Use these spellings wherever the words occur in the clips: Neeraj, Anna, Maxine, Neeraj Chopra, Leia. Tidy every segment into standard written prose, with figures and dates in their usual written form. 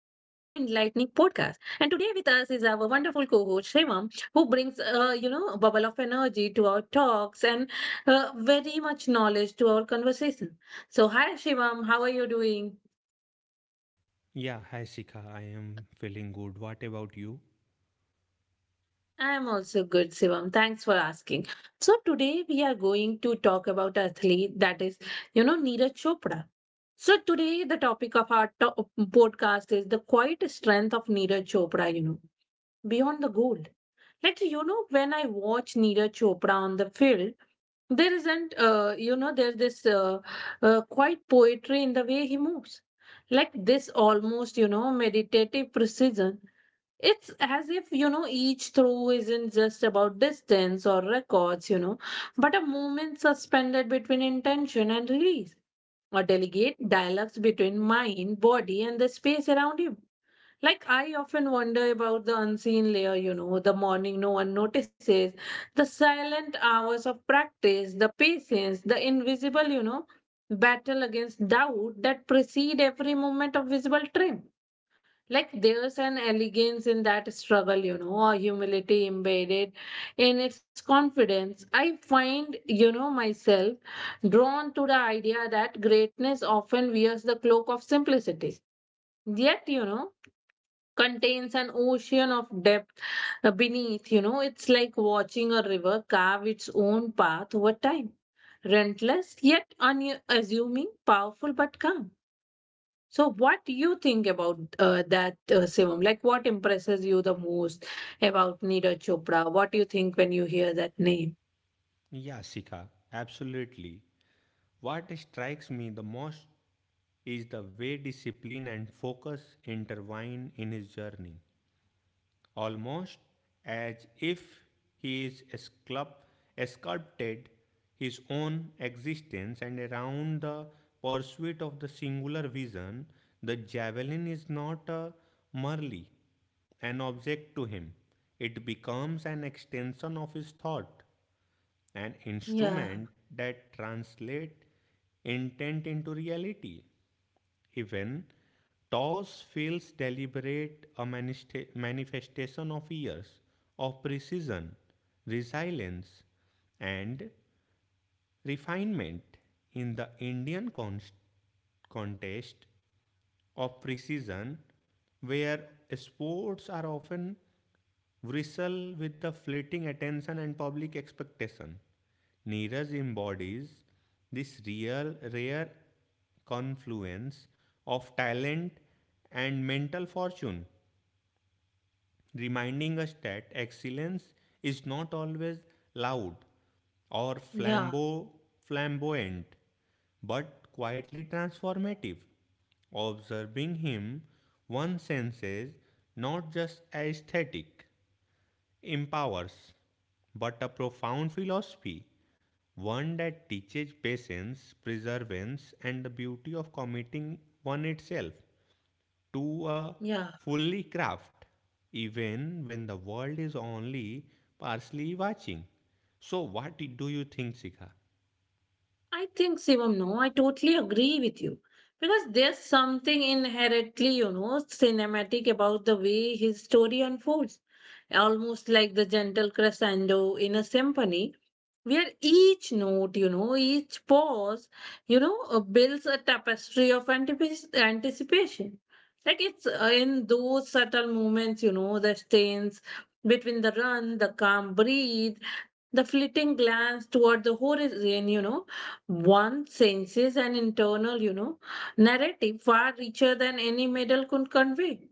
is our wonderful co-host Shivam, who brings, bubble of energy to our talks and very much knowledge to our conversation. So, hi, Shivam, how are you doing? Yeah, hi Sika. I am feeling good. What about you? I'm also good, Sivam. Thanks for asking. So today we are going to talk about an athlete that is, Neeraj Chopra. So today the topic of our podcast is the quiet strength of Neeraj Chopra, you know, beyond the gold. When I watch Neeraj Chopra on the field, there isn't, you know, there's this quiet poetry in the way he moves. Like this almost, you know, meditative precision, it's as if, you know, each throw isn't just about distance or records, you know, but a moment suspended between intention and release, or delegate dialogues between mind, body, and the space around you. Like, I often wonder about the unseen layer, you know, the morning no one notices, the silent hours of practice, the patience, the invisible, you know, battle against doubt that precede every moment of visible trim. Like there's an elegance in that struggle, you know, a humility embedded in its confidence. I find, you know, myself drawn to the idea that greatness often wears the cloak of simplicity, yet, you know, contains an ocean of depth beneath. You know, it's like watching a river carve its own path over time, relentless yet unassuming, powerful but calm. So, what do you think about that, Sivam? Like, what impresses you the most about Neeraj Chopra? What do you think when you hear that name? Yeah, Sika, absolutely. What strikes me the most is the way discipline and focus intertwine in his journey. Almost as if he is sculpted his own existence and around the pursuit of the singular vision. The javelin is not a merely an object to him. It becomes an extension of his thought, an Yeah, instrument that translates intent into reality. Even toss feels deliberate, a manifestation of years of precision, resilience, and refinement. In the Indian contest of precision, where sports are often wrestle with the fleeting attention and public expectation. Neeraj embodies this real, rare confluence of talent and mental fortune, reminding us that excellence is not always loud or yeah, flamboyant, but quietly transformative. Observing him, one senses not just aesthetic empowers, but a profound philosophy, one that teaches patience, perseverance, and the beauty of committing one itself to a yeah. fully craft, even when the world is only partially watching. So, what do you think, Sika? I think, Shivam, no, I totally agree with you. Because there's something inherently, you know, cinematic about the way his story unfolds. Almost like the gentle crescendo in a symphony, where each note, you know, each pause, builds a tapestry of anticipation. Like it's in those subtle moments, you know, the stains between the run, the calm breathe, the fleeting glance toward the horizon, you know, one senses an internal, you know, narrative far richer than any medal could convey.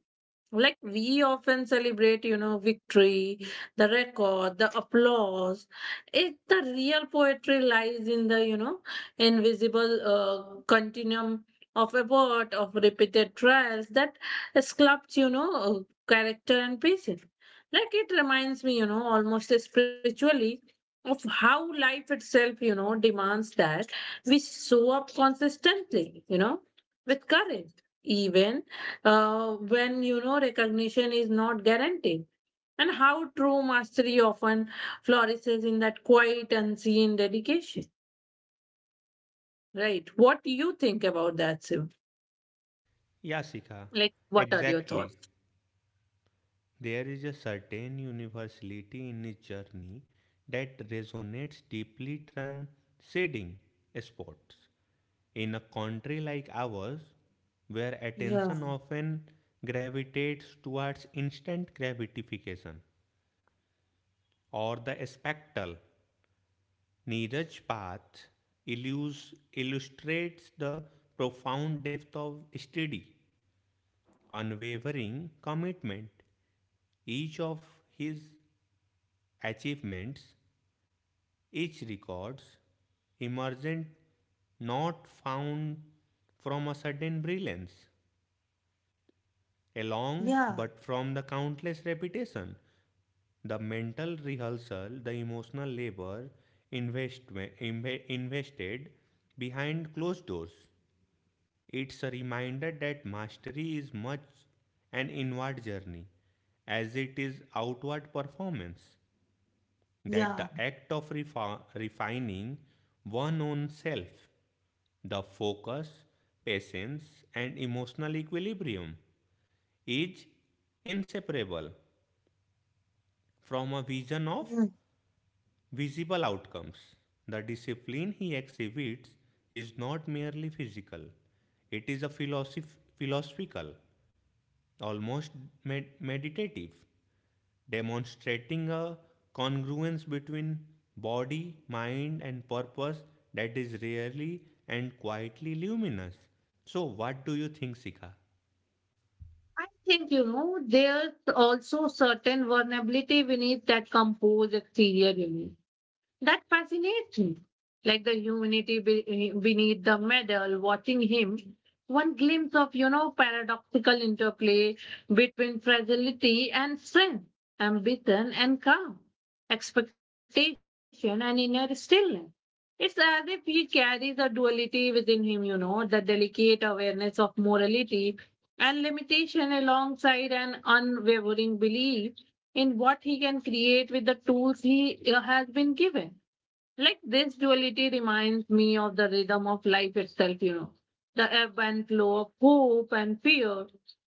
Like we often celebrate, you know, victory, the record, the applause. It the real poetry lies in the, you know, invisible continuum of effort, of repeated trials that sculpts, you know, character and patience. Like it reminds me, you know, almost spiritually, of how life itself, you know, demands that we show up consistently, you know, with courage, even when, you know, recognition is not guaranteed, and how true mastery often flourishes in that quiet unseen dedication. Right? What do you think about that, sim? Yeah, Sika, Like, what are your thoughts? exactly. There is a certain universality in his journey that resonates deeply transcending sports. In a country like ours, where Yeah, attention often gravitates towards instant gratification or the spectacle, Neeraj's path illustrates the profound depth of study, unwavering commitment. Each of his achievements, each records, emergent not found from a sudden brilliance, along yeah, but from the countless repetition, the mental rehearsal, the emotional labor investment invested behind closed doors. It's a reminder that mastery is much an inward journey as it is outward performance, that the yeah. act of refining one own self, the focus, patience, and emotional equilibrium is inseparable from a vision of Mm. visible outcomes. The discipline he exhibits is not merely physical, it is a philosophical, almost meditative, demonstrating a congruence between body, mind, and purpose that is rarely and quietly luminous. So, what do you think, Sika? I think, you know, there's also certain vulnerability beneath that composed exterior image. That fascinates me. Like the humanity beneath the medal, watching him, one glimpse of, you know, paradoxical interplay between fragility and strength, ambition and calm, expectation and inner stillness. It's as if he carries a duality within him, you know, the delicate awareness of morality and limitation alongside an unwavering belief in what he can create with the tools he has been given. Like this duality reminds me of the rhythm of life itself, you know, the ebb and flow of hope and fear,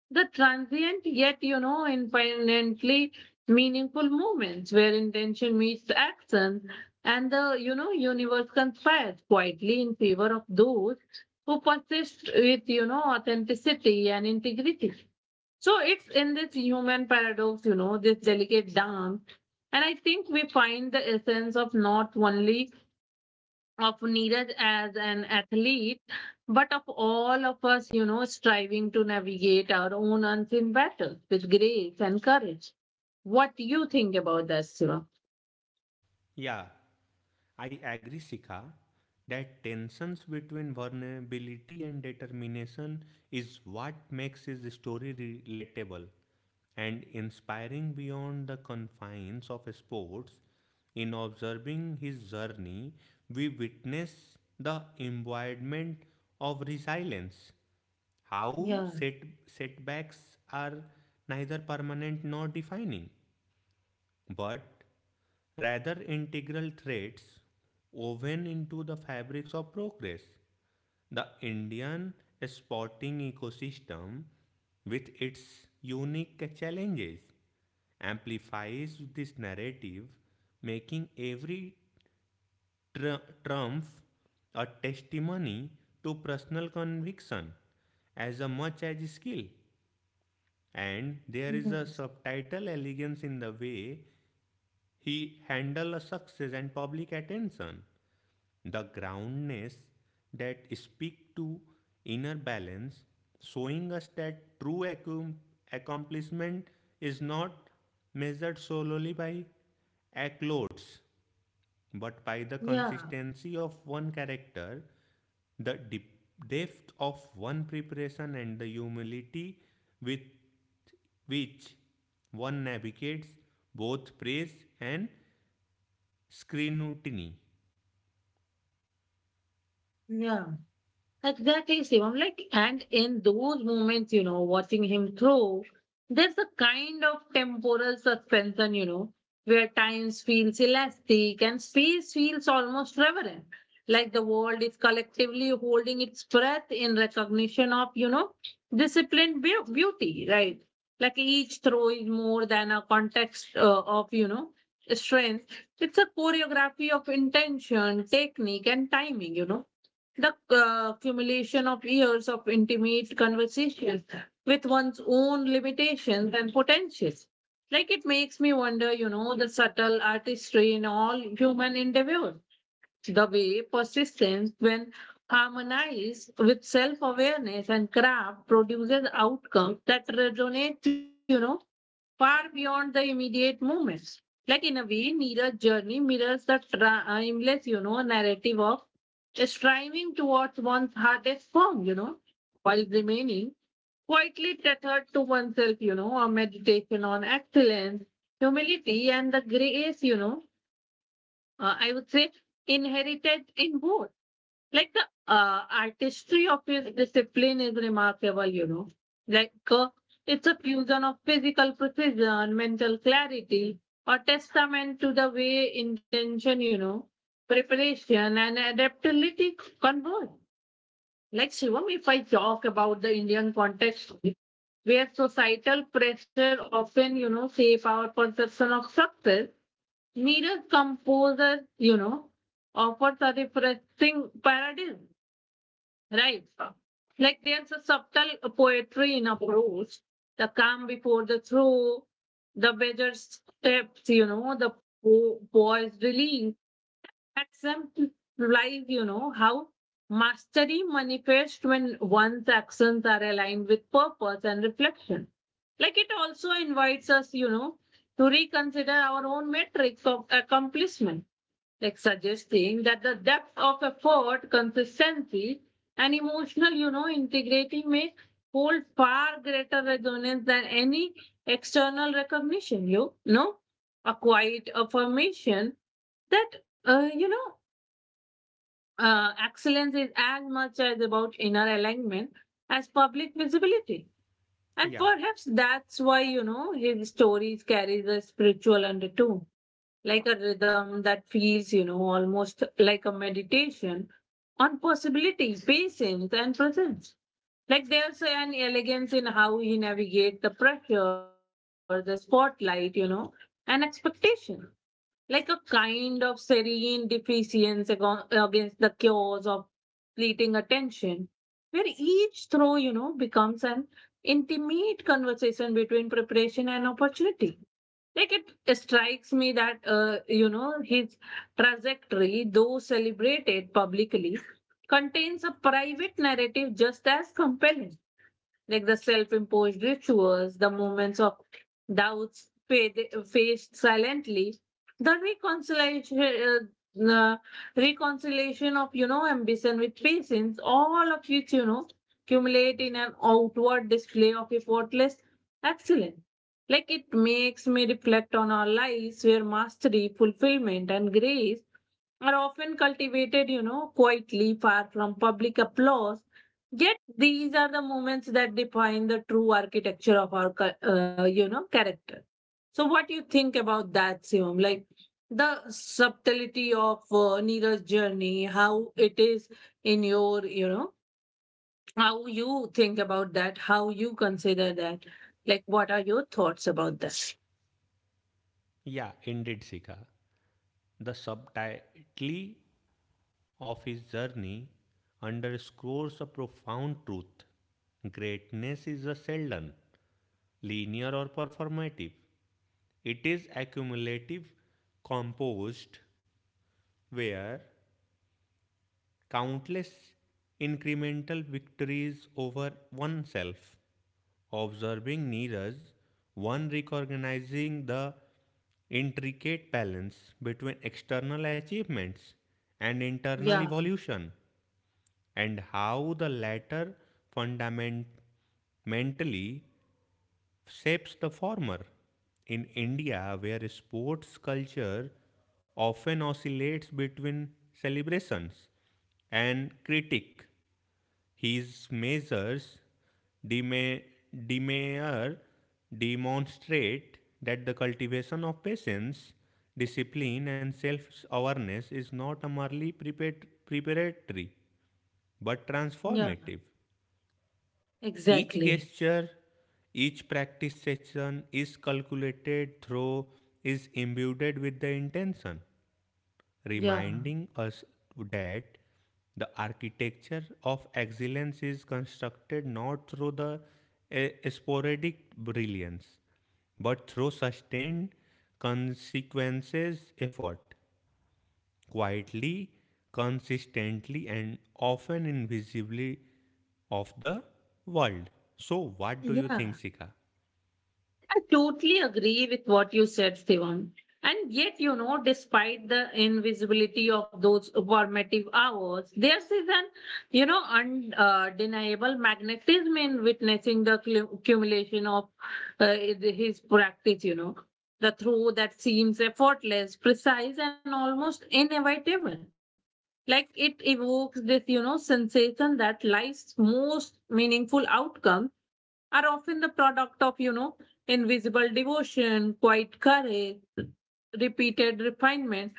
the transient yet, you know, infinitely meaningful moments where intention meets action and the, you know, universe conspires quietly in favor of those who persist with, you know, authenticity and integrity. So it's in this human paradox, you know, this delicate dance. And I think we find the essence of not only of Neeraj as an athlete, but of all of us, you know, striving to navigate our own unseen battles with grace and courage. What do you think about that, Shiva? Yeah, I agree, Sika, that tensions between vulnerability and determination is what makes his story relatable and inspiring beyond the confines of sports. In observing his journey, we witness the embodiment of resilience, how Yeah, set, setbacks are neither permanent nor defining, but rather integral threads woven into the fabrics of progress. The Indian sporting ecosystem, with its unique challenges, amplifies this narrative, making every trump a testimony to personal conviction as much as skill. And there is yeah, a subtitle elegance in the way he handles success and public attention, the groundness that speak to inner balance, showing us that true accomplishment is not measured solely by accolades, but by the yeah, consistency of one character, the depth of one preparation, and the humility with which one navigates both praise and scrutiny. yeah. Exactly, Shivam. Like, and in those moments, you know, watching him throw, there's a kind of temporal suspension, you know, where time feels elastic and space feels almost reverent. Like the world is collectively holding its breath in recognition of, you know, disciplined beauty, right? Like each throw is more than a context of, you know, strength. It's a choreography of intention, technique, and timing, you know, the accumulation of years of intimate conversation with one's own limitations and potentials. Like it makes me wonder, you know, the subtle artistry in all human endeavor, the way persistence, when harmonized with self awareness and craft, produces outcomes that resonate, you know, far beyond the immediate moments. Like in a way, Neeraj's journey mirrors the timeless, you know, narrative of striving towards one's hardest form, you know, while remaining quietly tethered to oneself, you know, a meditation on excellence, humility, and the grace, you know, I would say, inherited in both. Like the artistry of his discipline is remarkable, you know. Like it's a fusion of physical precision, mental clarity, a testament to the way intention, you know, preparation and adaptability converge. Like Shivam, if I talk about the Indian context, where societal pressure often, you know, shape our perception of success, neither composer, you know, offers a refreshing paradigm. Right. Like there's a subtle poetry in approach, the calm before the throw, the measured steps, you know, the poised release. Exemplifies, you know, how mastery manifests when one's actions are aligned with purpose and reflection. Like it also invites us, you know, to reconsider our own metrics of accomplishment, like suggesting that the depth of effort, consistency, and emotional, you know, integrating may hold far greater resonance than any external recognition. You know, a quiet affirmation that you know, excellence is as much as about inner alignment as public visibility. And Yeah, perhaps that's why, you know, his stories carries a spiritual undertone, like a rhythm that feels, you know, almost like a meditation on possibility, patience, and presence. Like there's an elegance in how he navigates the pressure, the spotlight, you know, and expectation. Like a kind of serene defiance against the chaos of fleeting attention, where each throw, you know, becomes an intimate conversation between preparation and opportunity. Like it strikes me that you know, his trajectory, though celebrated publicly, contains a private narrative just as compelling, like the self-imposed rituals, the moments of doubts faced silently, the reconciliation of, you know, ambition with patience, all of which, you know, accumulate in an outward display of effortless excellence. Like it makes me reflect on our lives where mastery, fulfillment, and grace are often cultivated, you know, quietly, far from public applause. Yet these are the moments that define the true architecture of our, you know, character. So, what do you think about that, Siom? Like the subtlety of Neera's journey, how it is in your, you know, how you think about that, how you consider that. Like, what are your thoughts about that? yeah, indeed, Sika. The subtlety of his journey underscores a profound truth. Greatness is a seldom linear or performative. It is accumulative, composed, where countless incremental victories over oneself, observing neither one recognizing the intricate balance between external achievements and Yeah, internal evolution, and how the latter fundamentally shapes the former. In India, where sports culture often oscillates between celebrations and critique, his measures deme- demeanor demonstrate that the cultivation of patience, discipline, and self awareness is not merely preparatory but yeah, transformative. Each exactly. gesture, each practice session is calculated through, is imbued with the intention, Yeah, reminding us that the architecture of excellence is constructed not through the sporadic brilliance, but through sustained consequences effort quietly, consistently, and often invisibly of the world. So, what do you think, yeah. Sika? I totally agree with what you said, Shivam. And yet, you know, despite the invisibility of those formative hours, there is an, you know, undeniable magnetism in witnessing the accumulation of his practice, you know, the throw that seems effortless, precise, and almost inevitable. Like it evokes this, you know, sensation that life's most meaningful outcomes are often the product of, you know, invisible devotion, quiet courage, repeated refinement,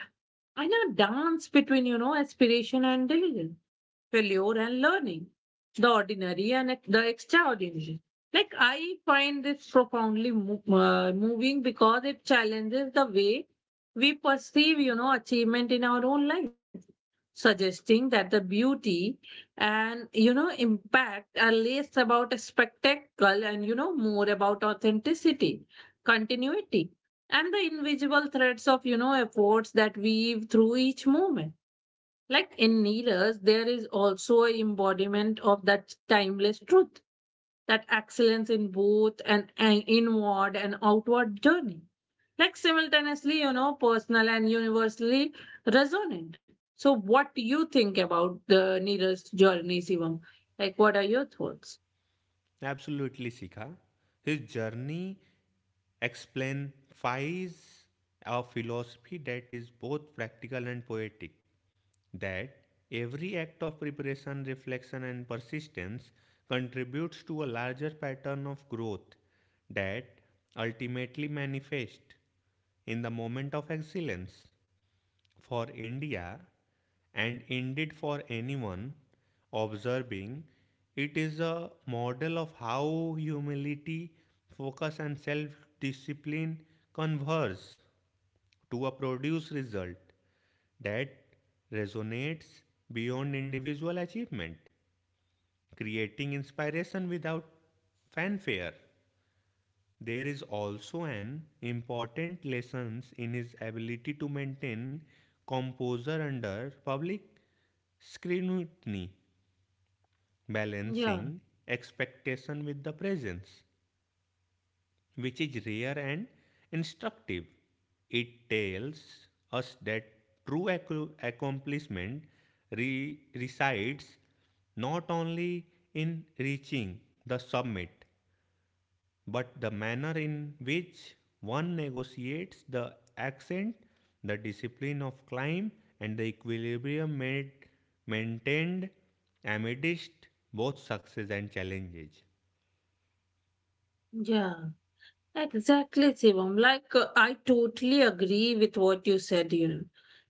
and a dance between, you know, aspiration and diligence, failure and learning, the ordinary and the extraordinary. Like I find this profoundly moving because it challenges the way we perceive, you know, achievement in our own life, suggesting that the beauty and, you know, impact are less about a spectacle and, you know, more about authenticity, continuity, and the invisible threads of, you know, efforts that weave through each moment. Like in Neelers, there is also an embodiment of that timeless truth, that excellence in both an inward and outward journey. Like simultaneously, you know, personal and universally resonant. So, what do you think about the Neelers journey, Shivam? Like, what are your thoughts? Absolutely, Sika. His journey exemplifies a philosophy that is both practical and poetic, that every act of preparation, reflection, and persistence contributes to a larger pattern of growth that ultimately manifests in the moment of excellence. For India, and indeed for anyone observing, it is a model of how humility, focus, and self discipline converge to a produce result that resonates beyond individual achievement, creating inspiration without fanfare. There is also an important lessons in his ability to maintain composure under public scrutiny, Yeah, balancing expectation with the presence, which is rare and instructive. It tells us that true accomplishment resides not only in reaching the summit, but the manner in which one negotiates the ascent, the discipline of climb, and the maintained amidst both success and challenges. yeah. Exactly, Shivam. Like, I totally agree with what you said, you know.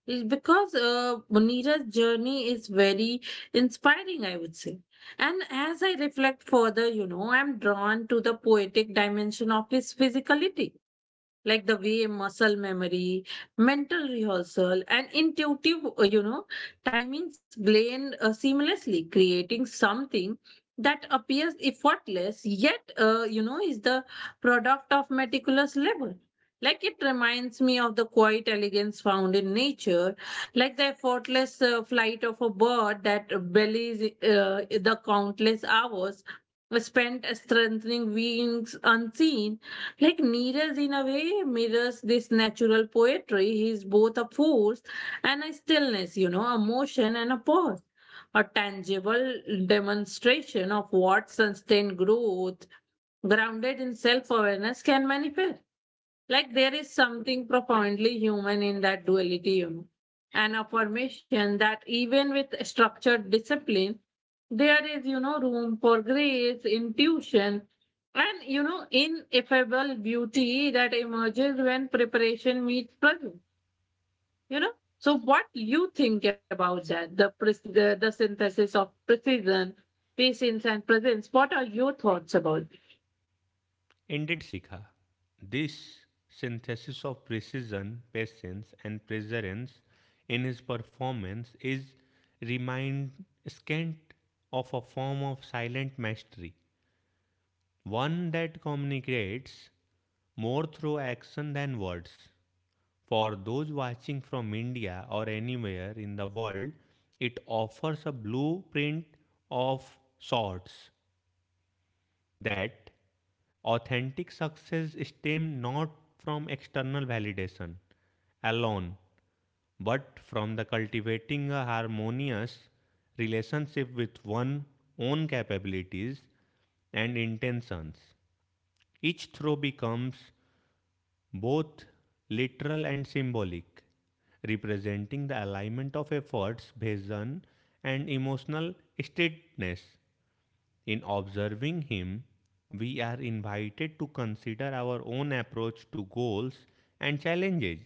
It's because Munira's journey is very inspiring, I would say. And as I reflect further, you know, I'm drawn to the poetic dimension of his physicality, like the way muscle memory, mental rehearsal, and intuitive, you know, timings blend seamlessly, creating something that appears effortless, yet, you know, is the product of meticulous labor. Like it reminds me of the quiet elegance found in nature, like the effortless flight of a bird that belies the countless hours spent strengthening wings unseen, like Neeraj in a way mirrors this natural poetry. He's both a force and a stillness, you know, a motion and a pause, a tangible demonstration of what sustained growth grounded in self-awareness can manifest. Like there is something profoundly human in that duality, you know, an affirmation that even with structured discipline, there is room for grace, intuition, and ineffable beauty that emerges when preparation meets present. you know so, what you think about that, the the synthesis of precision, patience, and presence? What are your thoughts about? Indeed, Sikha. This synthesis of precision, patience, and perseverance in his performance is remind scant of a form of silent mastery, one that communicates more through action than words. For those watching from India or anywhere in the world, it offers a blueprint of sorts, that authentic success stems not from external validation alone, but from the cultivating a harmonious relationship with one's own capabilities and intentions. Each throw becomes both literal and symbolic, representing the alignment of efforts, vision, and emotional steadiness. In observing him, we are invited to consider our own approach to goals and challenges,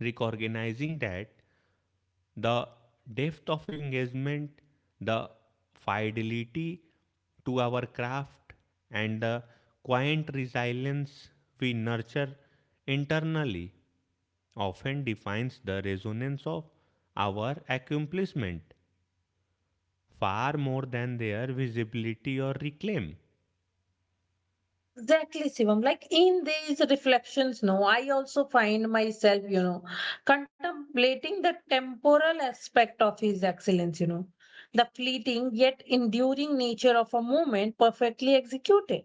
recognizing that the depth of engagement, the fidelity to our craft, and the quiet resilience we nurture internally often defines the resonance of our accomplishment far more than their visibility or reclaim. Exactly, Shivam. Like in these reflections, no, I also find myself, you know, contemplating the temporal aspect of His excellence, you know, the fleeting yet enduring nature of a moment perfectly executed.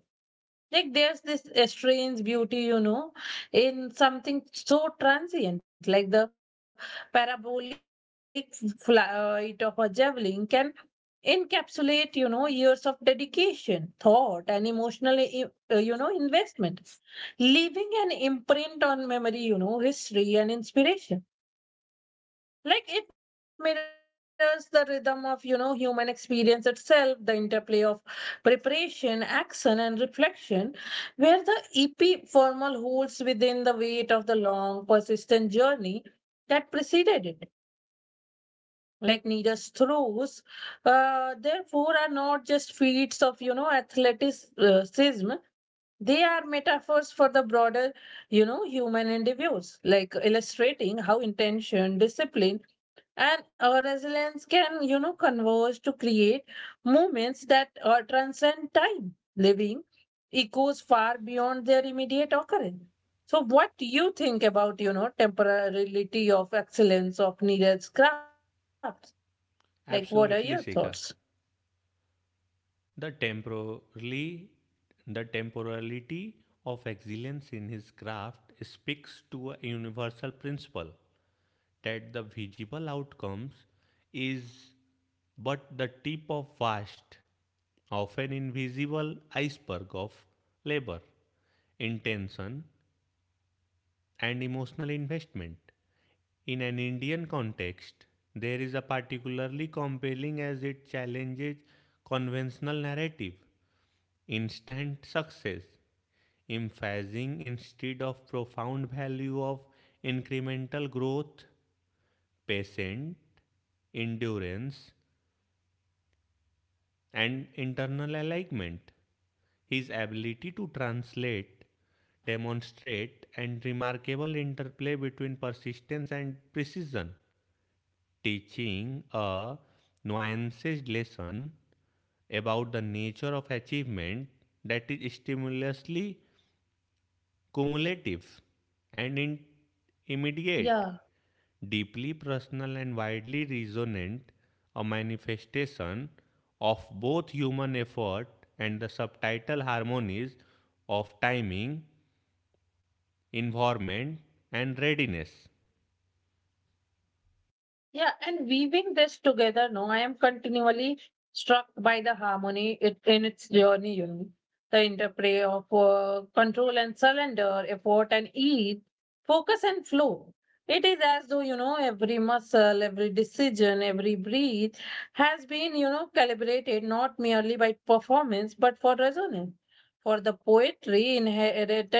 Like there's this strange beauty, you know, in something so transient, like the parabolic flight of a javelin can encapsulate, you know, years of dedication, thought, and emotional, you know, investment, leaving an imprint on memory, you know, history, and inspiration. Like it mirrors the rhythm of, you know, human experience itself, the interplay of preparation, action, and reflection, where the ep formal holds within the weight of the long persistent journey that preceded it. Like needers throws, therefore, are not just feats of, you know, athleticism. They are metaphors for the broader, you know, human endeavors, like illustrating how intention, discipline, and our resilience can, you know, converge to create movements that transcend time, living echoes far beyond their immediate occurrence. So, what do you think about, you know, temporality of excellence of needed crafts? Like, what are your thoughts? Absolutely, Sika. The temporally, the temporality of excellence in his craft speaks to a universal principle, that the visible outcomes is but the tip of vast, often invisible iceberg of labor, intention, and emotional investment. In an Indian context, there is a particularly compelling as it challenges conventional narrative, instant success, emphasizing instead of profound value of incremental growth, patient endurance, and internal alignment. His ability to translate, demonstrate, and remarkable interplay between persistence and precision teaching a nuanced lesson about the nature of achievement that is stimulously cumulative and immediate, Yeah. deeply personal and widely resonant, a manifestation of both human effort and the subtitle harmonies of timing, environment, and readiness. Yeah, and weaving this together, no, I am continually struck by the harmony it, in its journey, you know. The interplay of control and surrender, effort and ease, focus and flow. It is as though, you know, every muscle, every decision, every breath has been, you know, calibrated not merely by performance but for resonance. For the poetry inherent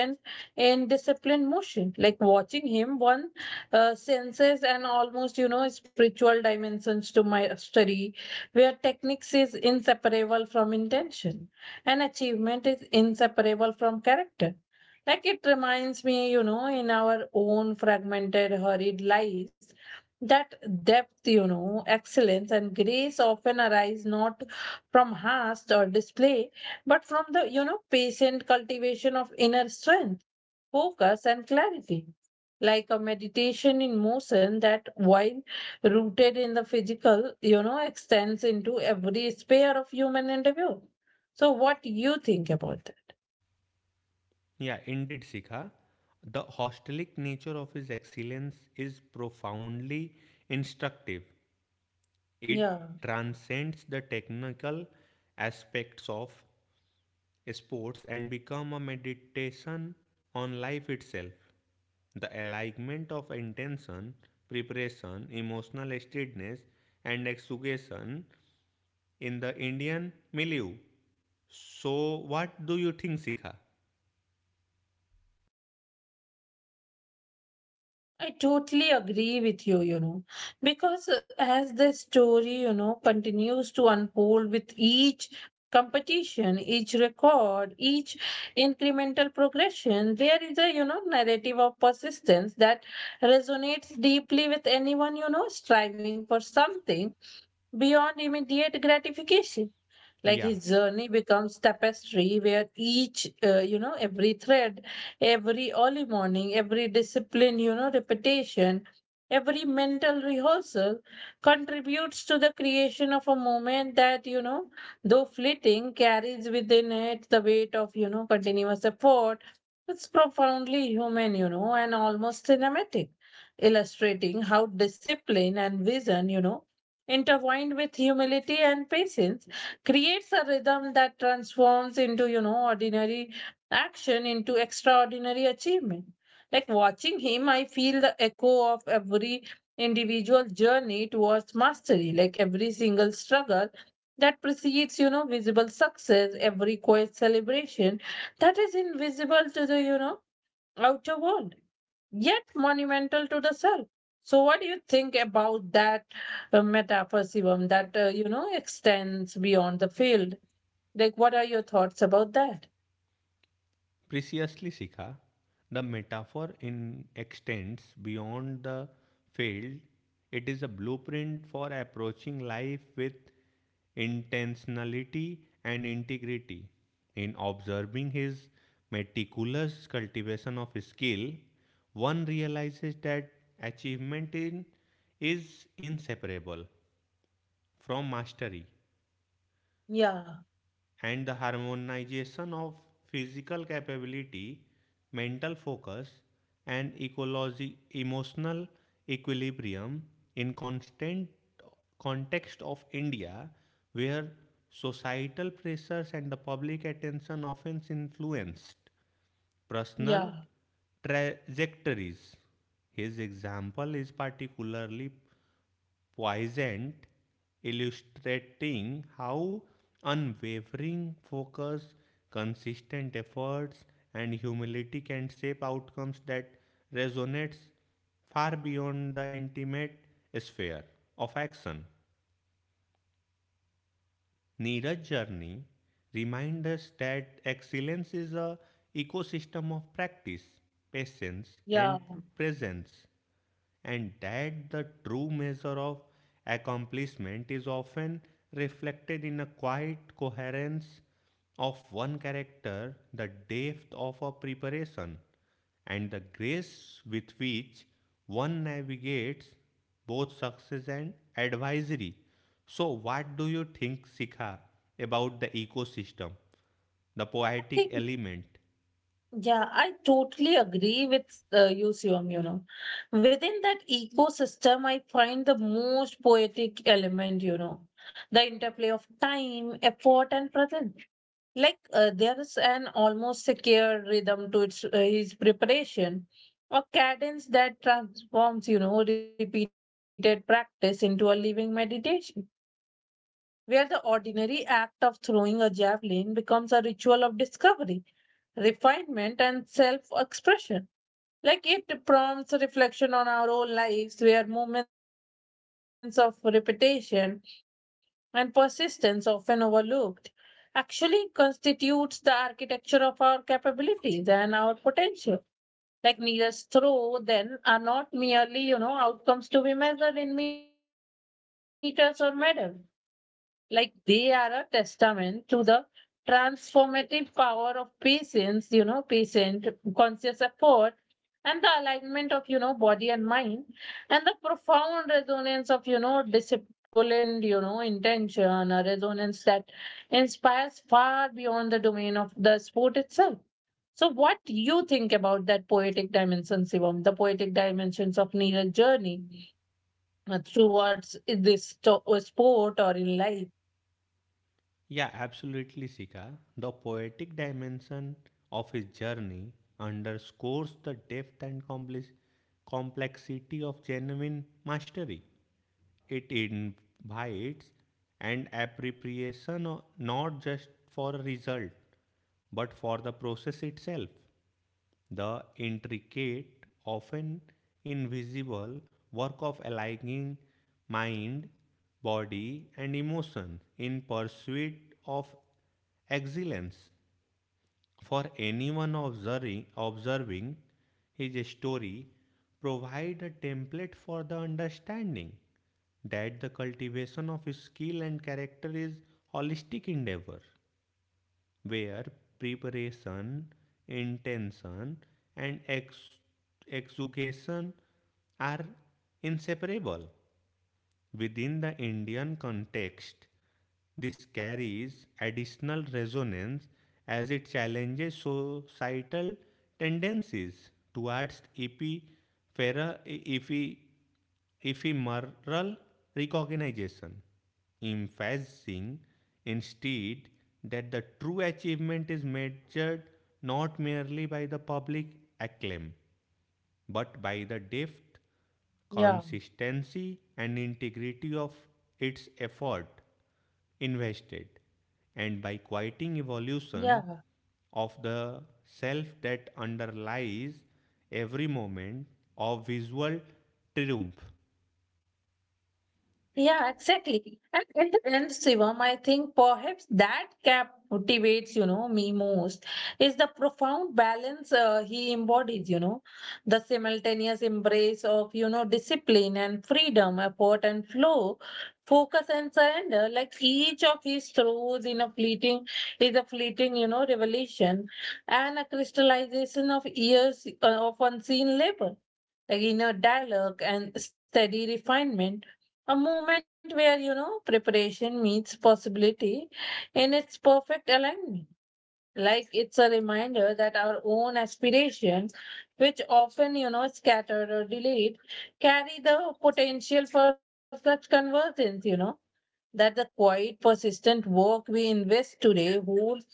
in disciplined motion, like watching him once senses and almost, you know, spiritual dimensions to my study, where techniques is inseparable from intention and achievement is inseparable from character. Like it reminds me, you know, in our own fragmented hurried lives, that depth, you know, excellence and grace often arise not from haste or display, but from the, you know, patient cultivation of inner strength, focus, and clarity, like a meditation in motion that, while rooted in the physical, you know, extends into every sphere of human endeavor. So, what do you think about that? Yeah, indeed, Sikha. The hostelic nature of his excellence is profoundly instructive. It Yeah. transcends the technical aspects of sports and become a meditation on life itself. The alignment of intention, preparation, emotional steadiness, and execution in the Indian milieu. So, what do you think, Sikha? I totally agree with you, you know, because as the story, you know, continues to unfold with each competition, each record, each incremental progression, there is a, you know, narrative of persistence that resonates deeply with anyone, you know, striving for something beyond immediate gratification. Like his Yeah, journey becomes tapestry where each you know, every thread, every early morning, every discipline, you know, repetition, every mental rehearsal contributes to the creation of a moment that, you know, though fleeting, carries within it the weight of, you know, continuous effort. It's profoundly human, you know, and almost cinematic, illustrating how discipline and vision, you know, intertwined with humility and patience, creates a rhythm that transforms into, you know, ordinary action into extraordinary achievement. Like watching him, I feel the echo of every individual journey towards mastery, like every single struggle that precedes, you know, visible success, every quiet celebration that is invisible to the, you know, outer world, yet monumental to the self. So, what do you think about that metaphysism that, you know, extends beyond the field? Like, what are your thoughts about that? preciously, Sikha, the metaphor in extends beyond the field. It is a blueprint for approaching life with intentionality and integrity. In observing his meticulous cultivation of skill, one realizes that achievement in, is inseparable from mastery Yeah, and the harmonization of physical capability, mental focus, and ecology, emotional equilibrium in constant context of India, where societal pressures and the public attention often influenced personal yeah, trajectories. His example is particularly poignant, illustrating how unwavering focus, consistent efforts, and humility can shape outcomes that resonates far beyond the intimate sphere of action. Neeraj's journey reminds us that excellence is a ecosystem of practice, patience, yeah, and presence, and that the true measure of accomplishment is often reflected in a quiet coherence of one character, the depth of a preparation, and the grace with which one navigates both success and advisory. So, what do you think, Sikha, about the ecosystem, the poetic think element? yeah, I totally agree with you, Siom, you know, within that ecosystem I find the most poetic element, you know, the interplay of time, effort, and presence. Like, there's an almost secure rhythm to its his preparation, a cadence that transforms, you know, repeated practice into a living meditation, where the ordinary act of throwing a javelin becomes a ritual of discovery, refinement, and self expression. Like it prompts a reflection on our own lives, where moments of repetition and persistence, often overlooked, actually constitutes the architecture of our capabilities and our potential. Like needles throw, then, are not merely, you know, outcomes to be measured in meters or medals. Like they are a testament to the transformative power of patience, you know, patient, conscious effort, and the alignment of, you know, body and mind, and the profound resonance of, you know, disciplined, you know, intention, a resonance that inspires far beyond the domain of the sport itself. So, what do you think about that poetic dimension, Shivam, the poetic dimensions of Neeraj's journey? Towards this sport or in life. Yeah, absolutely, Sika. The poetic dimension of his journey underscores the depth and complexity of genuine mastery. It invites an appropriation not just for a result, but for the process itself. The intricate, often invisible work of aligning mind, body, and emotion in pursuit of excellence. For anyone observing his story, provide a template for the understanding that the cultivation of skill and character is holistic endeavor, where preparation, intention, and execution are inseparable. Within the Indian context, this carries additional resonance as it challenges societal tendencies towards ephi- ephemeral recognition, emphasizing instead that the true achievement is measured not merely by the public acclaim, but by the depth, Yeah, consistency, and integrity of its effort invested, and by quieting yeah. evolution of the self that underlies every moment of visual triumph. Yeah, exactly. And at the end, Shivam, I think perhaps that cap motivates, you know, me most is the profound balance he embodies, you know, the simultaneous embrace of, you know, discipline and freedom, effort and flow, focus and surrender. Like each of his throws in a fleeting is a fleeting, you know, revelation and a crystallization of years of unseen labor. Like inner dialogue and steady refinement, a moment where, you know, preparation meets possibility in its perfect alignment. Like it's a reminder that our own aspirations, which often, you know, scattered or delayed, carry the potential for such convergence, you know, that the quiet, persistent work we invest today holds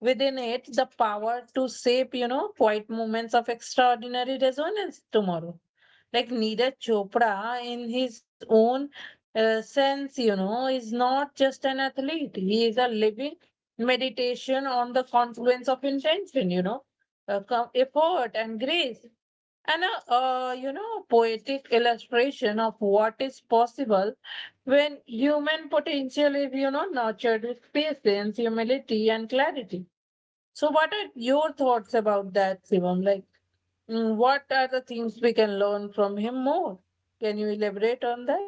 within it the power to shape, you know, quiet moments of extraordinary resonance tomorrow. Like Neeraj Chopra, in his own sense, you know, is not just an athlete, he is a living meditation on the confluence of intention, you know, effort, and grace. And a, you know, poetic illustration of what is possible when human potential is, you know, nurtured with patience, humility, and clarity. So, what are your thoughts about that, Shivam? Like, mm, what are the things we can learn from him more? Can you elaborate on that?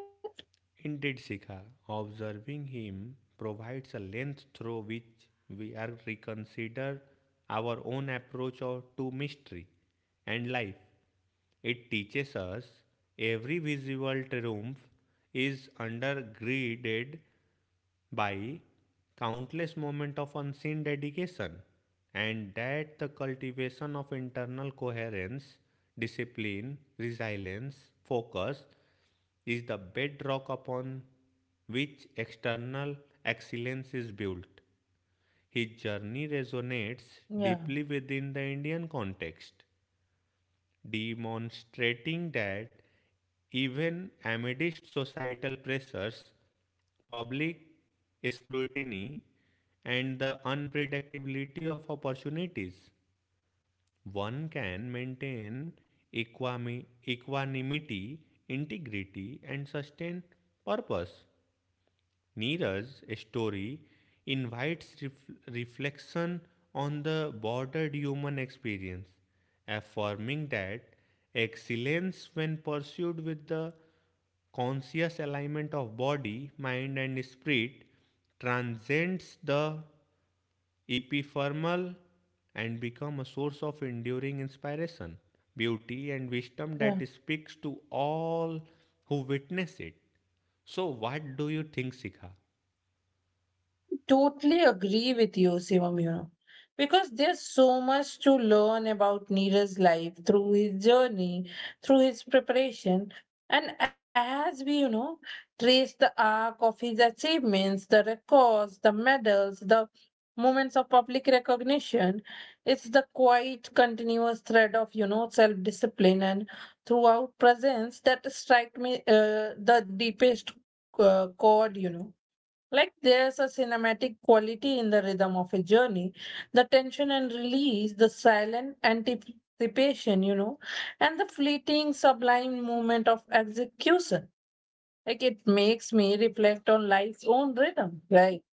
Indeed, Sikha, observing him provides a lens through which we are reconsider our own to mystery and life. It teaches us every visible triumph is undergirded by countless moments of unseen dedication, and that the cultivation of internal coherence, discipline, resilience, focus, is the bedrock upon which external excellence is built. His journey Yeah, resonates deeply within the Indian context, demonstrating that even amidst societal pressures, public scrutiny, and the unpredictability of opportunities, one can maintain equanimity, integrity, and sustain purpose. Neeraj's story invites reflection on the bordered human experience, affirming that excellence, when pursued with the conscious alignment of body, mind, and spirit, transcends the epiphermal and becomes a source of enduring inspiration, beauty, and wisdom yeah. that speaks to all who witness it. So, what do you think, Sikha? Totally agree with you, Shivam, you know, because there's so much to learn about Neeraj's life through his journey, through his preparation. And as we, you know, trace the arc of his achievements, the records, the medals, the moments of public recognition, it's the quiet, continuous thread of, you know, self discipline and throughout presence that strike me the deepest chord, you know. Like there's a cinematic quality in the rhythm of a journey, the tension and release, the silent anticipation, you know, and the fleeting sublime moment of execution. Like it makes me reflect on life's own rhythm, right?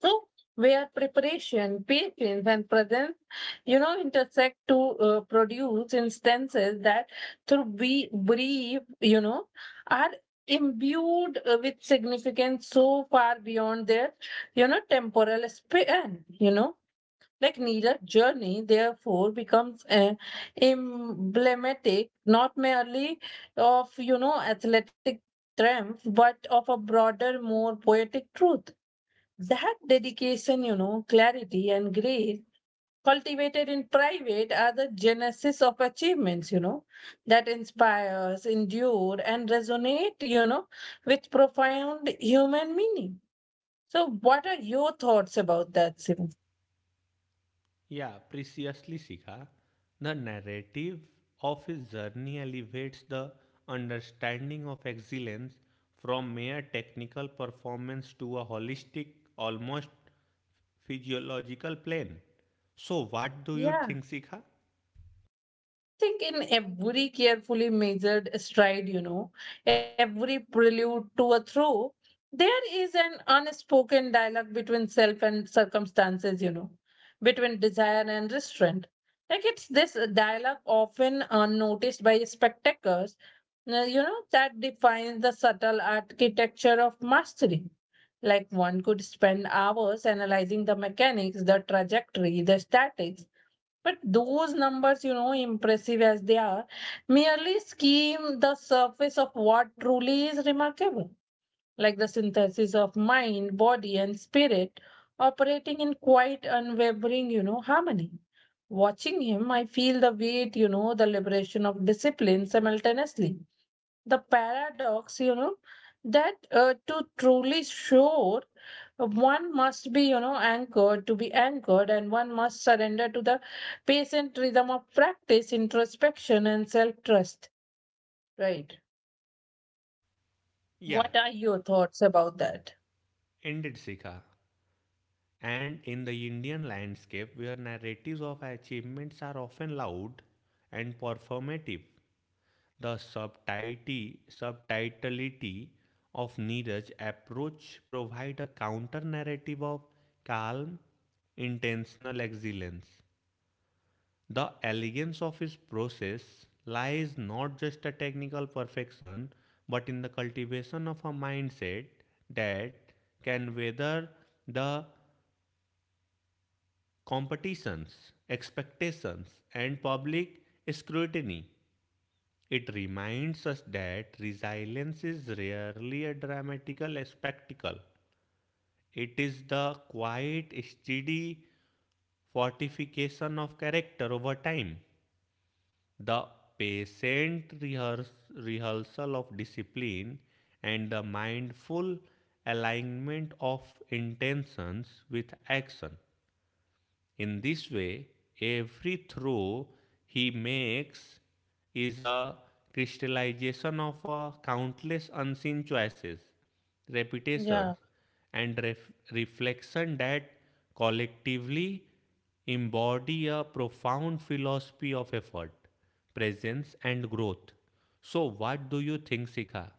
So, where preparation, patience, and presence, you know, intersect to produce instances that, through be brief, you know, are imbued with significance so far beyond their, you know, temporal span. You know, like Neera's journey, therefore, becomes emblematic not merely of, you know, athletic triumph, but of a broader, more poetic truth, that dedication, you know, clarity, and grace cultivated in private are the genesis of achievements, you know, that inspires, endure, and resonate, you know, with profound human meaning. So, what are your thoughts about that, Sivan? Yeah, preciously, Shikha. The narrative of his journey elevates the understanding of excellence from mere technical performance to a holistic, almost physiological plane. So, what do you Yeah. think, Sikha? Think in every carefully measured stride, you know, every prelude to a throw, there is an unspoken dialogue between self and circumstances, you know, between desire and restraint. Like it's this dialogue, often unnoticed by spectators, you know, that defines the subtle architecture of mastery. Like one could spend hours analyzing the mechanics, the trajectory, the statics, but those numbers, you know, impressive as they are, merely skim the surface of what truly is remarkable, like the synthesis of mind, body, and spirit operating in quite unwavering, you know, harmony. Watching him, I feel the weight, you know, the liberation of discipline simultaneously, the paradox, you know, that to truly soar, one must be, you know, anchored to be anchored, and one must surrender to the patient rhythm of practice, introspection, and self trust, right? What are Yeah, your thoughts about that? indeed, Sikha. And in the Indian landscape, where narratives of achievements are often loud and performative, the subtitlity of Neeraj approach provide a counter narrative of calm, intentional excellence. The elegance of his process lies not just a technical perfection, but in the cultivation of a mindset that can weather the competitions, expectations, and public scrutiny. It reminds us that resilience is rarely a dramatical spectacle. It is the quiet, steady fortification of character over time. The patient rehears- rehearsal of discipline and the mindful alignment of intentions with action. In this way, every throw he makes is a crystallization of a countless unseen choices, Yeah. repetitions, and reflection that collectively embody a profound philosophy of effort, presence, and growth. So, what do you think, Sikha?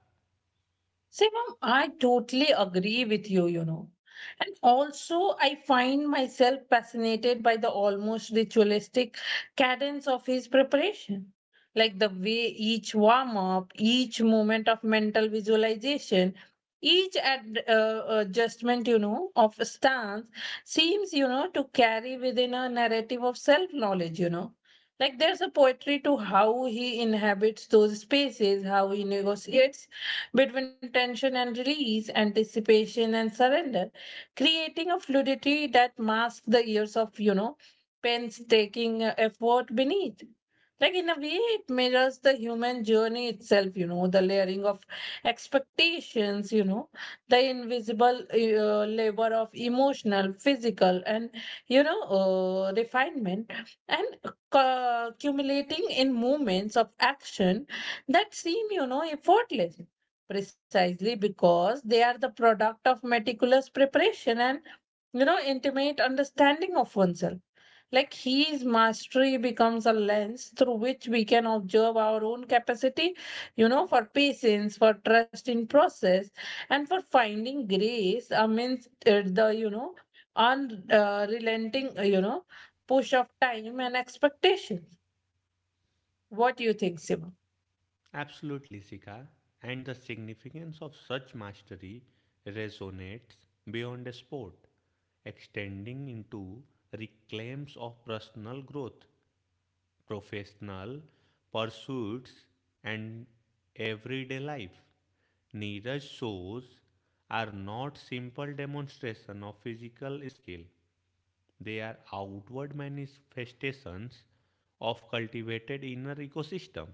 See, ma'am, I totally agree with you, you know. And also, I find myself fascinated by the almost ritualistic cadence of his preparation. Like the way each warm up, each moment of mental visualization, each adjustment, you know, of stance seems, you know, to carry within a narrative of self knowledge, you know. Like there's a poetry to how he inhabits those spaces, how he negotiates between tension and release, anticipation and surrender, creating a fluidity that masks the years of, you know, painstaking effort beneath. Like in a way, it mirrors the human journey itself, the layering of expectations, the invisible labor of emotional, physical, and, refinement, and cu- accumulating in moments of action that seem, effortless precisely because they are the product of meticulous preparation and intimate understanding of oneself. Like his mastery becomes a lens through which we can observe our own capacity, for patience, for trust in process, and for finding grace amidst the unrelenting push of time and expectations. What do you think, Simon? Absolutely, Sika. And the significance of such mastery resonates beyond a sport, extending into reclaims of personal growth, professional pursuits, and everyday life. Neeraj shows are not simple demonstration of physical skill. They are outward manifestations of cultivated inner ecosystem.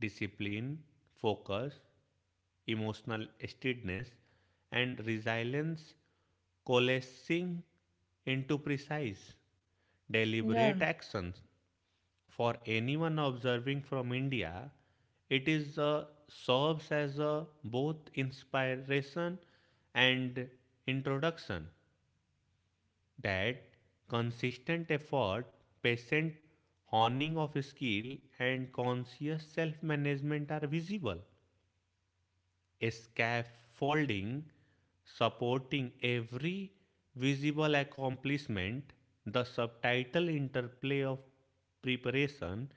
Discipline, focus, emotional steadiness, and resilience coalescing into precise, Yeah, deliberate actions. For anyone observing from India, it is serves as a both inspiration and introduction that consistent effort, patient honing of skill, and conscious self management are visible. A scaffolding supporting every visible accomplishment, the subtitle interplay of preparation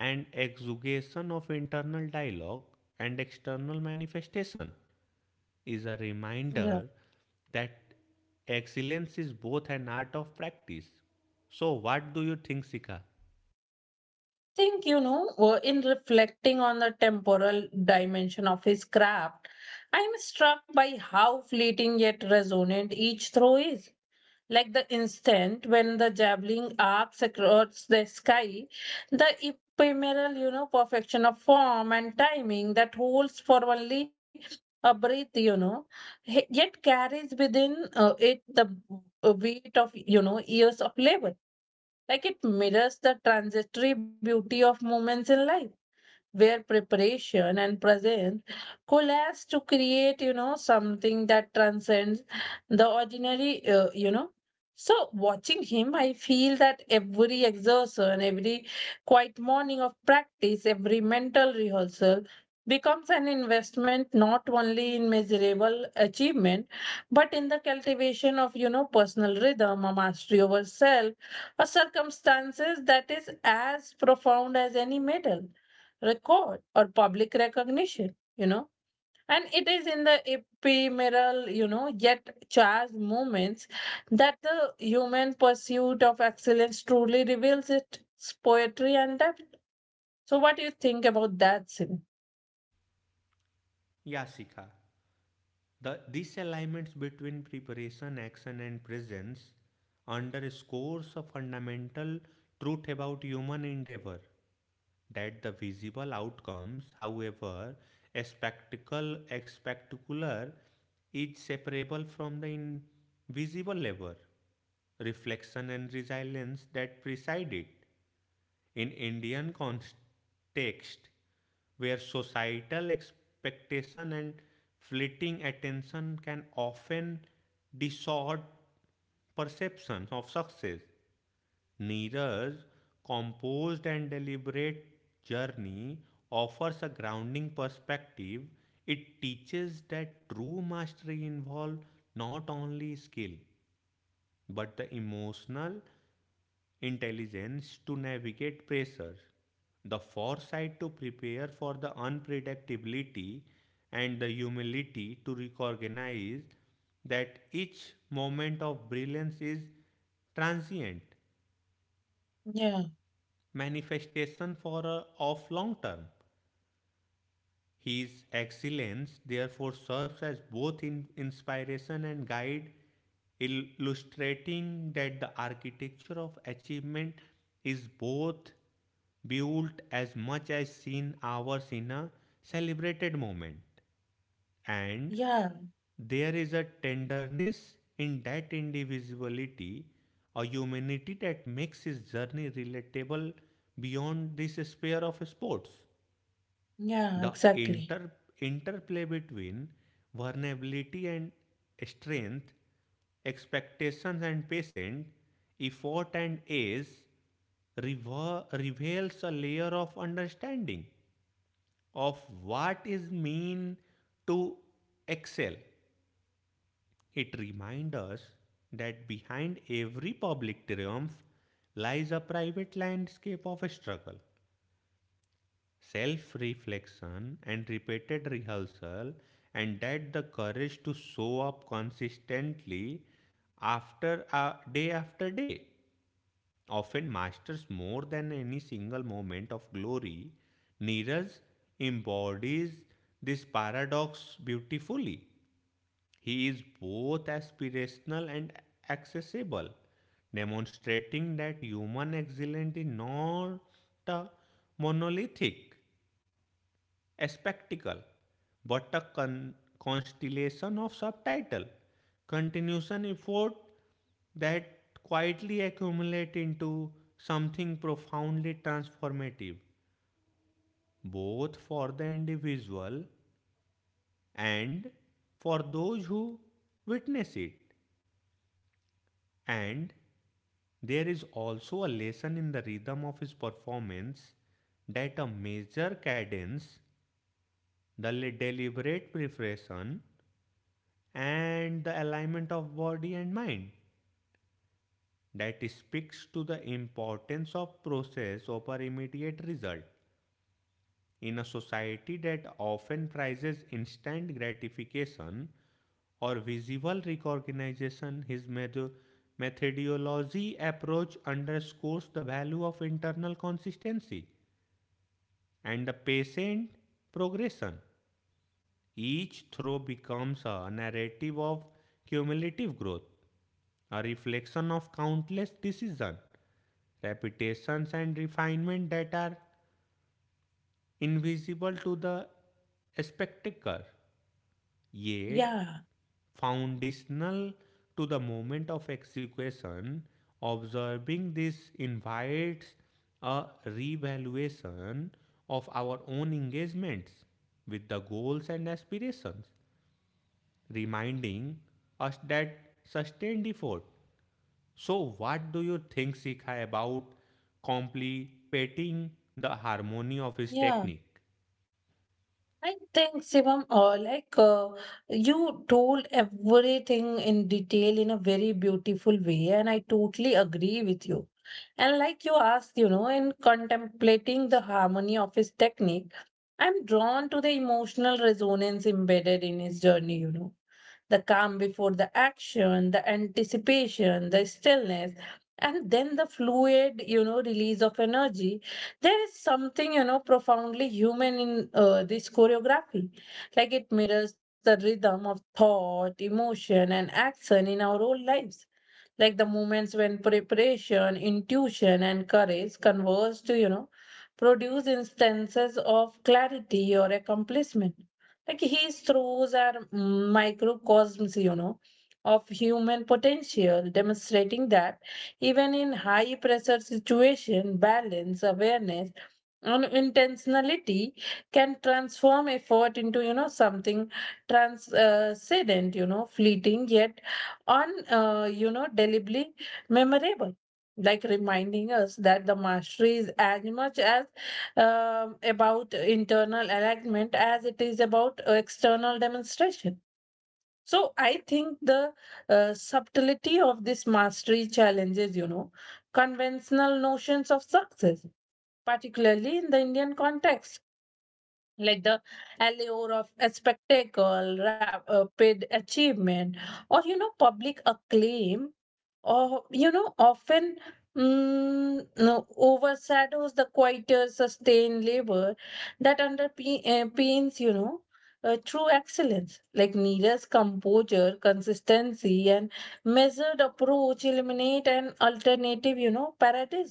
and exugation of internal dialogue and external manifestation is a yeah. reminder that excellence is both an art of practice. So, what do you think, Sika? Think, in reflecting on the temporal dimension of his craft, I am struck by how fleeting yet resonant each throw is. Like the instant when the javelin arcs across the sky, the ephemeral, perfection of form and timing that holds for only a breath, yet carries within, it the weight of, years of labor. Like it mirrors the transitory beauty of moments in life, where preparation and presence coalesce to create, something that transcends the ordinary. So watching him, I feel that every exertion, every quiet morning of practice, every mental rehearsal becomes an investment not only in measurable achievement, but in the cultivation of, personal rhythm, a mastery over self, a circumstances that is as profound as any medal, record, or public recognition. And it is in the ephemeral, yet charged moments that the human pursuit of excellence truly reveals its poetry and depth. So, what do you think about that, Sim? Yeah, Sika. The disalignments between preparation, action, and presence underscores a fundamental truth about human endeavor that the visible outcomes, however spectacular, is separable from the invisible labor, reflection, and resilience that preside it. In Indian context, where societal expectation and fleeting attention can often distort perceptions of success, Neeraj composed and deliberate journey offers a grounding perspective. It teaches that true mastery involves not only skill but the emotional intelligence to navigate pressure, the foresight to prepare for the unpredictability, and the humility to recognize that each moment of brilliance is transient Yeah, manifestation of long term. His excellence therefore serves as both in inspiration and guide, illustrating that the architecture of achievement is both built as much as seen hours in a celebrated moment. And yeah, there is a tenderness in that individuality, a humanity that makes his journey relatable beyond this sphere of sports. yeah, The exactly. Interplay between vulnerability and strength, expectations and patience, effort and age reveals a layer of understanding of what is mean to excel. It reminds us that behind every public triumph lies a private landscape of struggle, self reflection and repeated rehearsal, and that the courage to show up consistently after day after day often masters more than any single moment of glory. Neeraj embodies this paradox beautifully. He is both aspirational and accessible, demonstrating that human excellence is not uh, monolithic a spectacle, but a constellation of subtitle, continuation effort that quietly accumulate into something profoundly transformative, both for the individual and for those who witness it. And there is also a lesson in the rhythm of his performance, that a major cadence, the deliberate preparation, and the alignment of body and mind that speaks to the importance of process over immediate result. In a society that often prizes instant gratification or visible recognition, his methodology approach underscores the value of internal consistency and the patient progression. Each throw becomes a narrative of cumulative growth, a reflection of countless decisions, repetitions, and refinement that are invisible to the spectator, yet Yeah, foundational to the moment of execution. Observing this invites a revaluation of our own engagements with the goals and aspirations, reminding us that sustained effort. So, what do you think, Sikha, about completing the harmony of his yeah. technique? I think, Shivam, like you told everything in detail in a very beautiful way, and I totally agree with you. And like you asked, in contemplating the harmony of his technique, I'm drawn to the emotional resonance embedded in his journey, the calm before the action, the anticipation, the stillness, and then the fluid, release of energy. There is something, profoundly human in this choreography. Like it mirrors the rhythm of thought, emotion, and action in our own lives. Like the moments when preparation, intuition, and courage converge to, produce instances of clarity or accomplishment. Like his throws are microcosms, of human potential, demonstrating that even in high pressure situation, balance, awareness, and intentionality can transform effort into, something transcendent, fleeting yet on you know delibly memorable, like reminding us that the mastery is as much as, about internal alignment as it is about, external demonstration. So I think the, subtlety of this mastery challenges, conventional notions of success, particularly in the Indian context. Like the allure of a spectacle, rapid achievement, or, public acclaim, or, often no, overshadows the quieter, sustained labor that underpins. True excellence like Neera's composure, consistency, and measured approach eliminate an alternative, paradigm.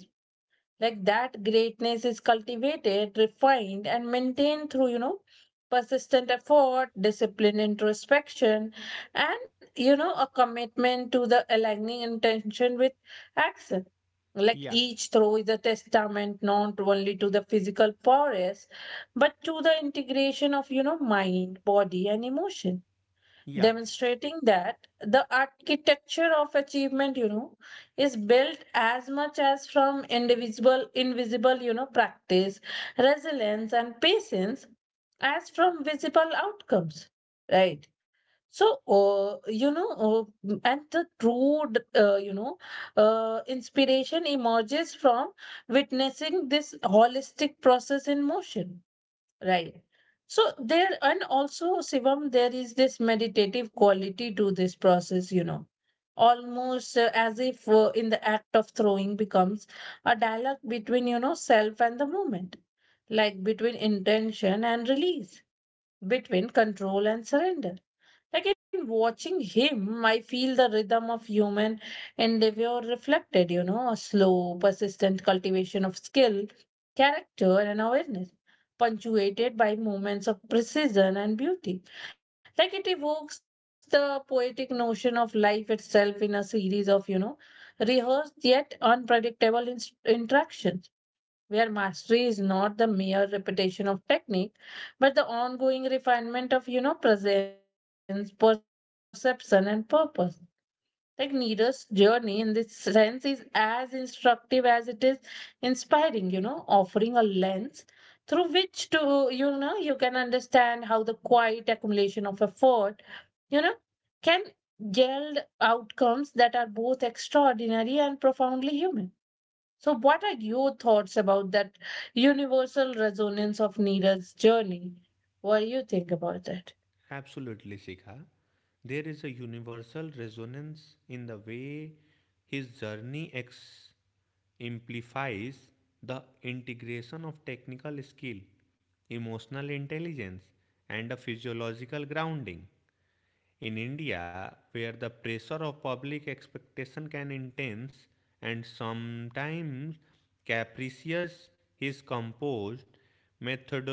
Like that greatness is cultivated, refined, and maintained through, persistent effort, discipline, introspection, and, a commitment to the aligning intention with action. Like Yeah, each throw is a testament not only to the physical prowess, but to the integration of, mind, body, and emotion, yeah, demonstrating that the architecture of achievement, is built as much as from individual invisible, practice, resilience, and patience as from visible outcomes, right? So, and the true, uh, you know inspiration emerges from witnessing this holistic process in motion. Right. So there, and also, Shivam, there is this meditative quality to this process, almost, as if, in the act of throwing becomes a dialogue between, self and the moment, like between intention and release, between control and surrender. Like in watching him, I feel the rhythm of human endeavor reflected, a slow, persistent cultivation of skill, character, and awareness, punctuated by moments of precision and beauty. Like it evokes the poetic notion of life itself, in a series of, rehearsed yet unpredictable interaction, where mastery is not the mere repetition of technique, but the ongoing refinement of, presence, perception, and purpose. Like Neera's journey, in this sense, is as instructive as it is inspiring, offering a lens through which to, you can understand how the quiet accumulation of effort, you know can yield outcomes that are both extraordinary and profoundly human. So, what are your thoughts about that universal resonance of Neera's journey? What do you think about that? absolutely, Sikha. There is a universal resonance in the way his journey implies the integration of technical skill, emotional intelligence, and a physiological grounding. In India, where the pressure of public expectation can intense and sometimes capricious, his composed method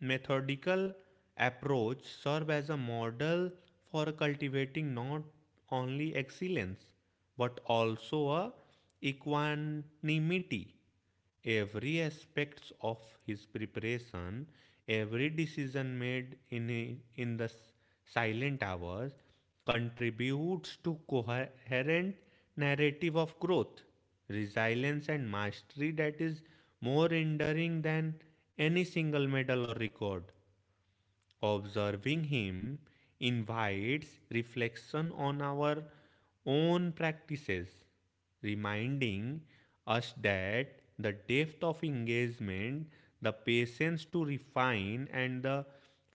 methodical approach serve as a model for cultivating not only excellence but also a equanimity. Every aspects of his preparation, every decision made in the silent hours contributes to coherent narrative of growth, resilience and mastery that is more enduring than any single medal or record. Observing him invites reflection on our own practices, reminding us that the depth of engagement, the patience to refine, and the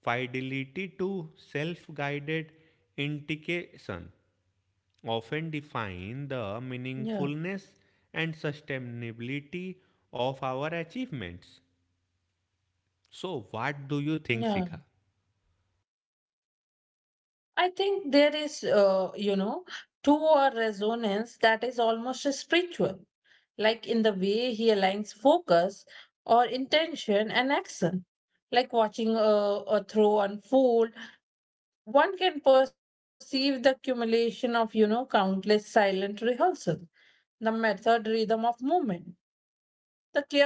fidelity to self guided indication often define the Yeah, meaningfulness and sustainability of our achievements. So, what do you think, yeah. Sika? I think there is, to a resonance that is almost spiritual, like in the way he aligns focus or intention and action. Like watching a throw unfold, one can perceive the accumulation of, countless silent rehearsals, the method rhythm of movement, the careful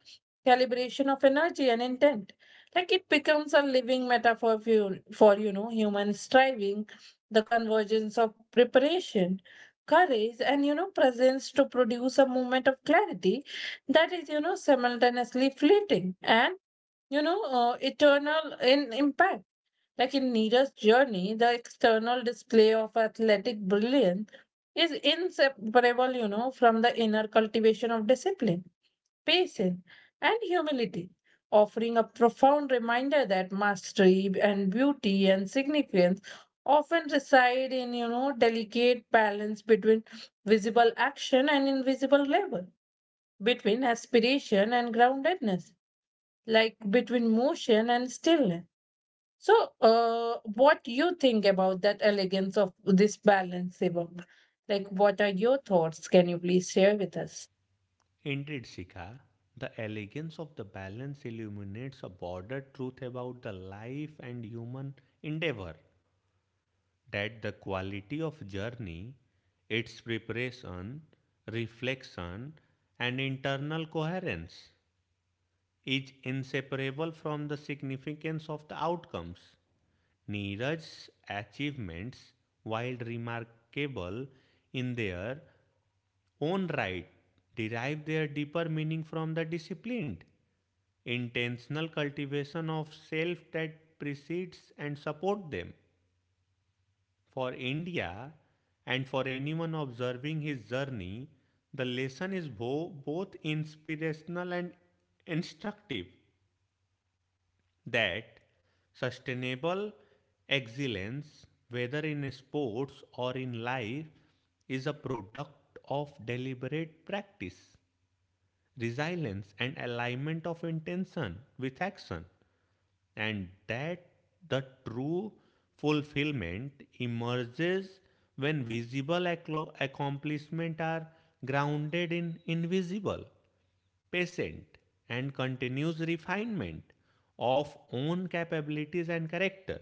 calibration of energy and intent. Like it becomes a living metaphor for, human striving, the convergence of preparation, courage, and, presence to produce a moment of clarity that is, simultaneously fleeting and, eternal in impact. Like in Nira's journey, the external display of athletic brilliance is inseparable, from the inner cultivation of discipline, patience, and humility, offering a profound reminder that mastery and beauty and significance often reside in, delicate balance between visible action and invisible labor, between aspiration and groundedness, like between motion and stillness. So, what you think about that elegance of this balance, Sivam? Like what are your thoughts? Can you please share with us? Indeed, Sika, the elegance of the balance illuminates a broader truth about the life and human endeavor, that the quality of journey, its preparation, reflection, and internal coherence is inseparable from the significance of the outcomes. Neeraj's achievements, while remarkable in their own right, derive their deeper meaning from the disciplined intentional cultivation of self that precedes and supports them. For India and for anyone observing his journey, the lesson is both inspirational and instructive, that Yeah, sustainable excellence, whether in sports or in life, is a product of deliberate practice, resilience and alignment of intention with action, and that the true fulfillment emerges when visible accomplishment are grounded in invisible, patient and continuous refinement of own capabilities and character.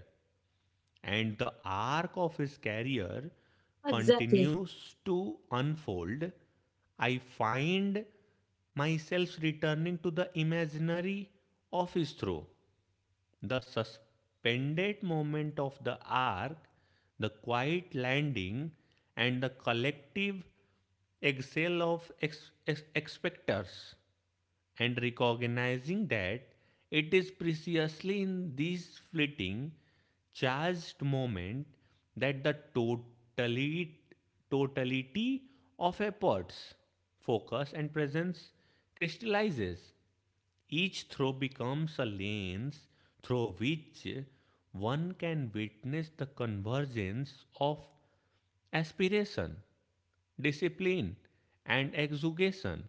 And the arc of his career exactly. continues to unfold. I find myself returning to the imaginary of his throw, the suspended moment of the ark, the quiet landing, and the collective exhale of expectors, and recognizing that it is precisely in these fleeting, charged moment that the totality of efforts, focus, and presence crystallizes. Each throw becomes a lens through which one can witness the convergence of aspiration, discipline, and exugation,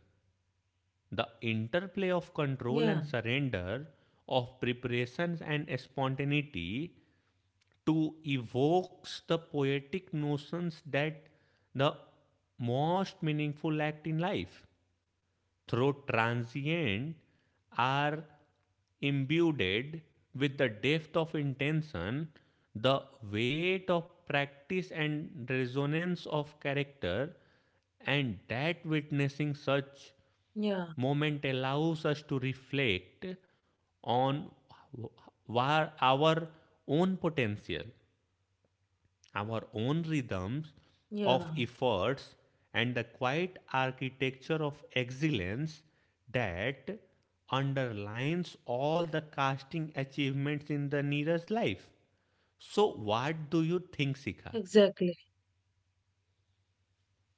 the interplay of Yeah, control and surrender, of preparations and spontaneity, to evokes the poetic notions that the most meaningful act in life through transient are imbued with the depth of intention, the weight of practice, and resonance of character, and that witnessing such yeah. moment allows us to reflect on our own potential, our own rhythms Yeah, of efforts, and the quiet architecture of excellence that underlines all the casting achievements in the Neeraj life. So, what do you think, Sika? exactly.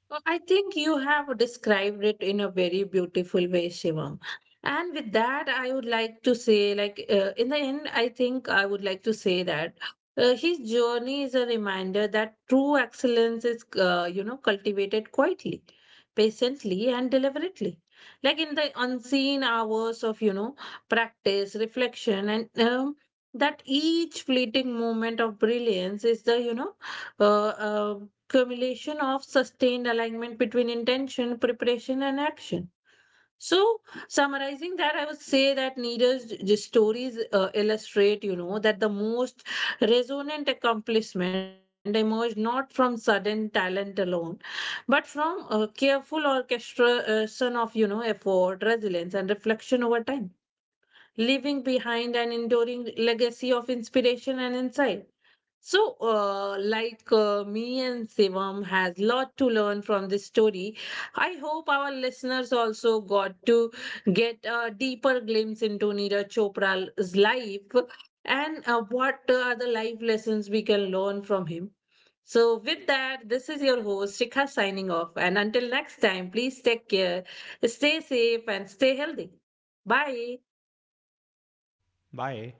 Well, I think you have described it in a very beautiful way, Shivam. And with that, I would like to say, like, in the end, I think I would like to say that, his journey is a reminder that true excellence is, cultivated quietly, patiently, and deliberately. Like in the unseen hours of, practice, reflection, and, that each fleeting moment of brilliance is the, uh, uh, accumulation of sustained alignment between intention, preparation, and action. So, summarizing that, I would say that Neera's stories, illustrate, that the most resonant accomplishment emerged not from sudden talent alone, but from a careful orchestration of, effort, resilience, and reflection over time, leaving behind an enduring legacy of inspiration and insight. So, like me and Sivam has lot to learn from this story. I hope our listeners also got to get a deeper glimpse into Neeraj Chopra's life, and what are the life lessons we can learn from him. So, with that, this is your host Shikha signing off. And until next time, please take care, stay safe, and stay healthy. Bye. Bye.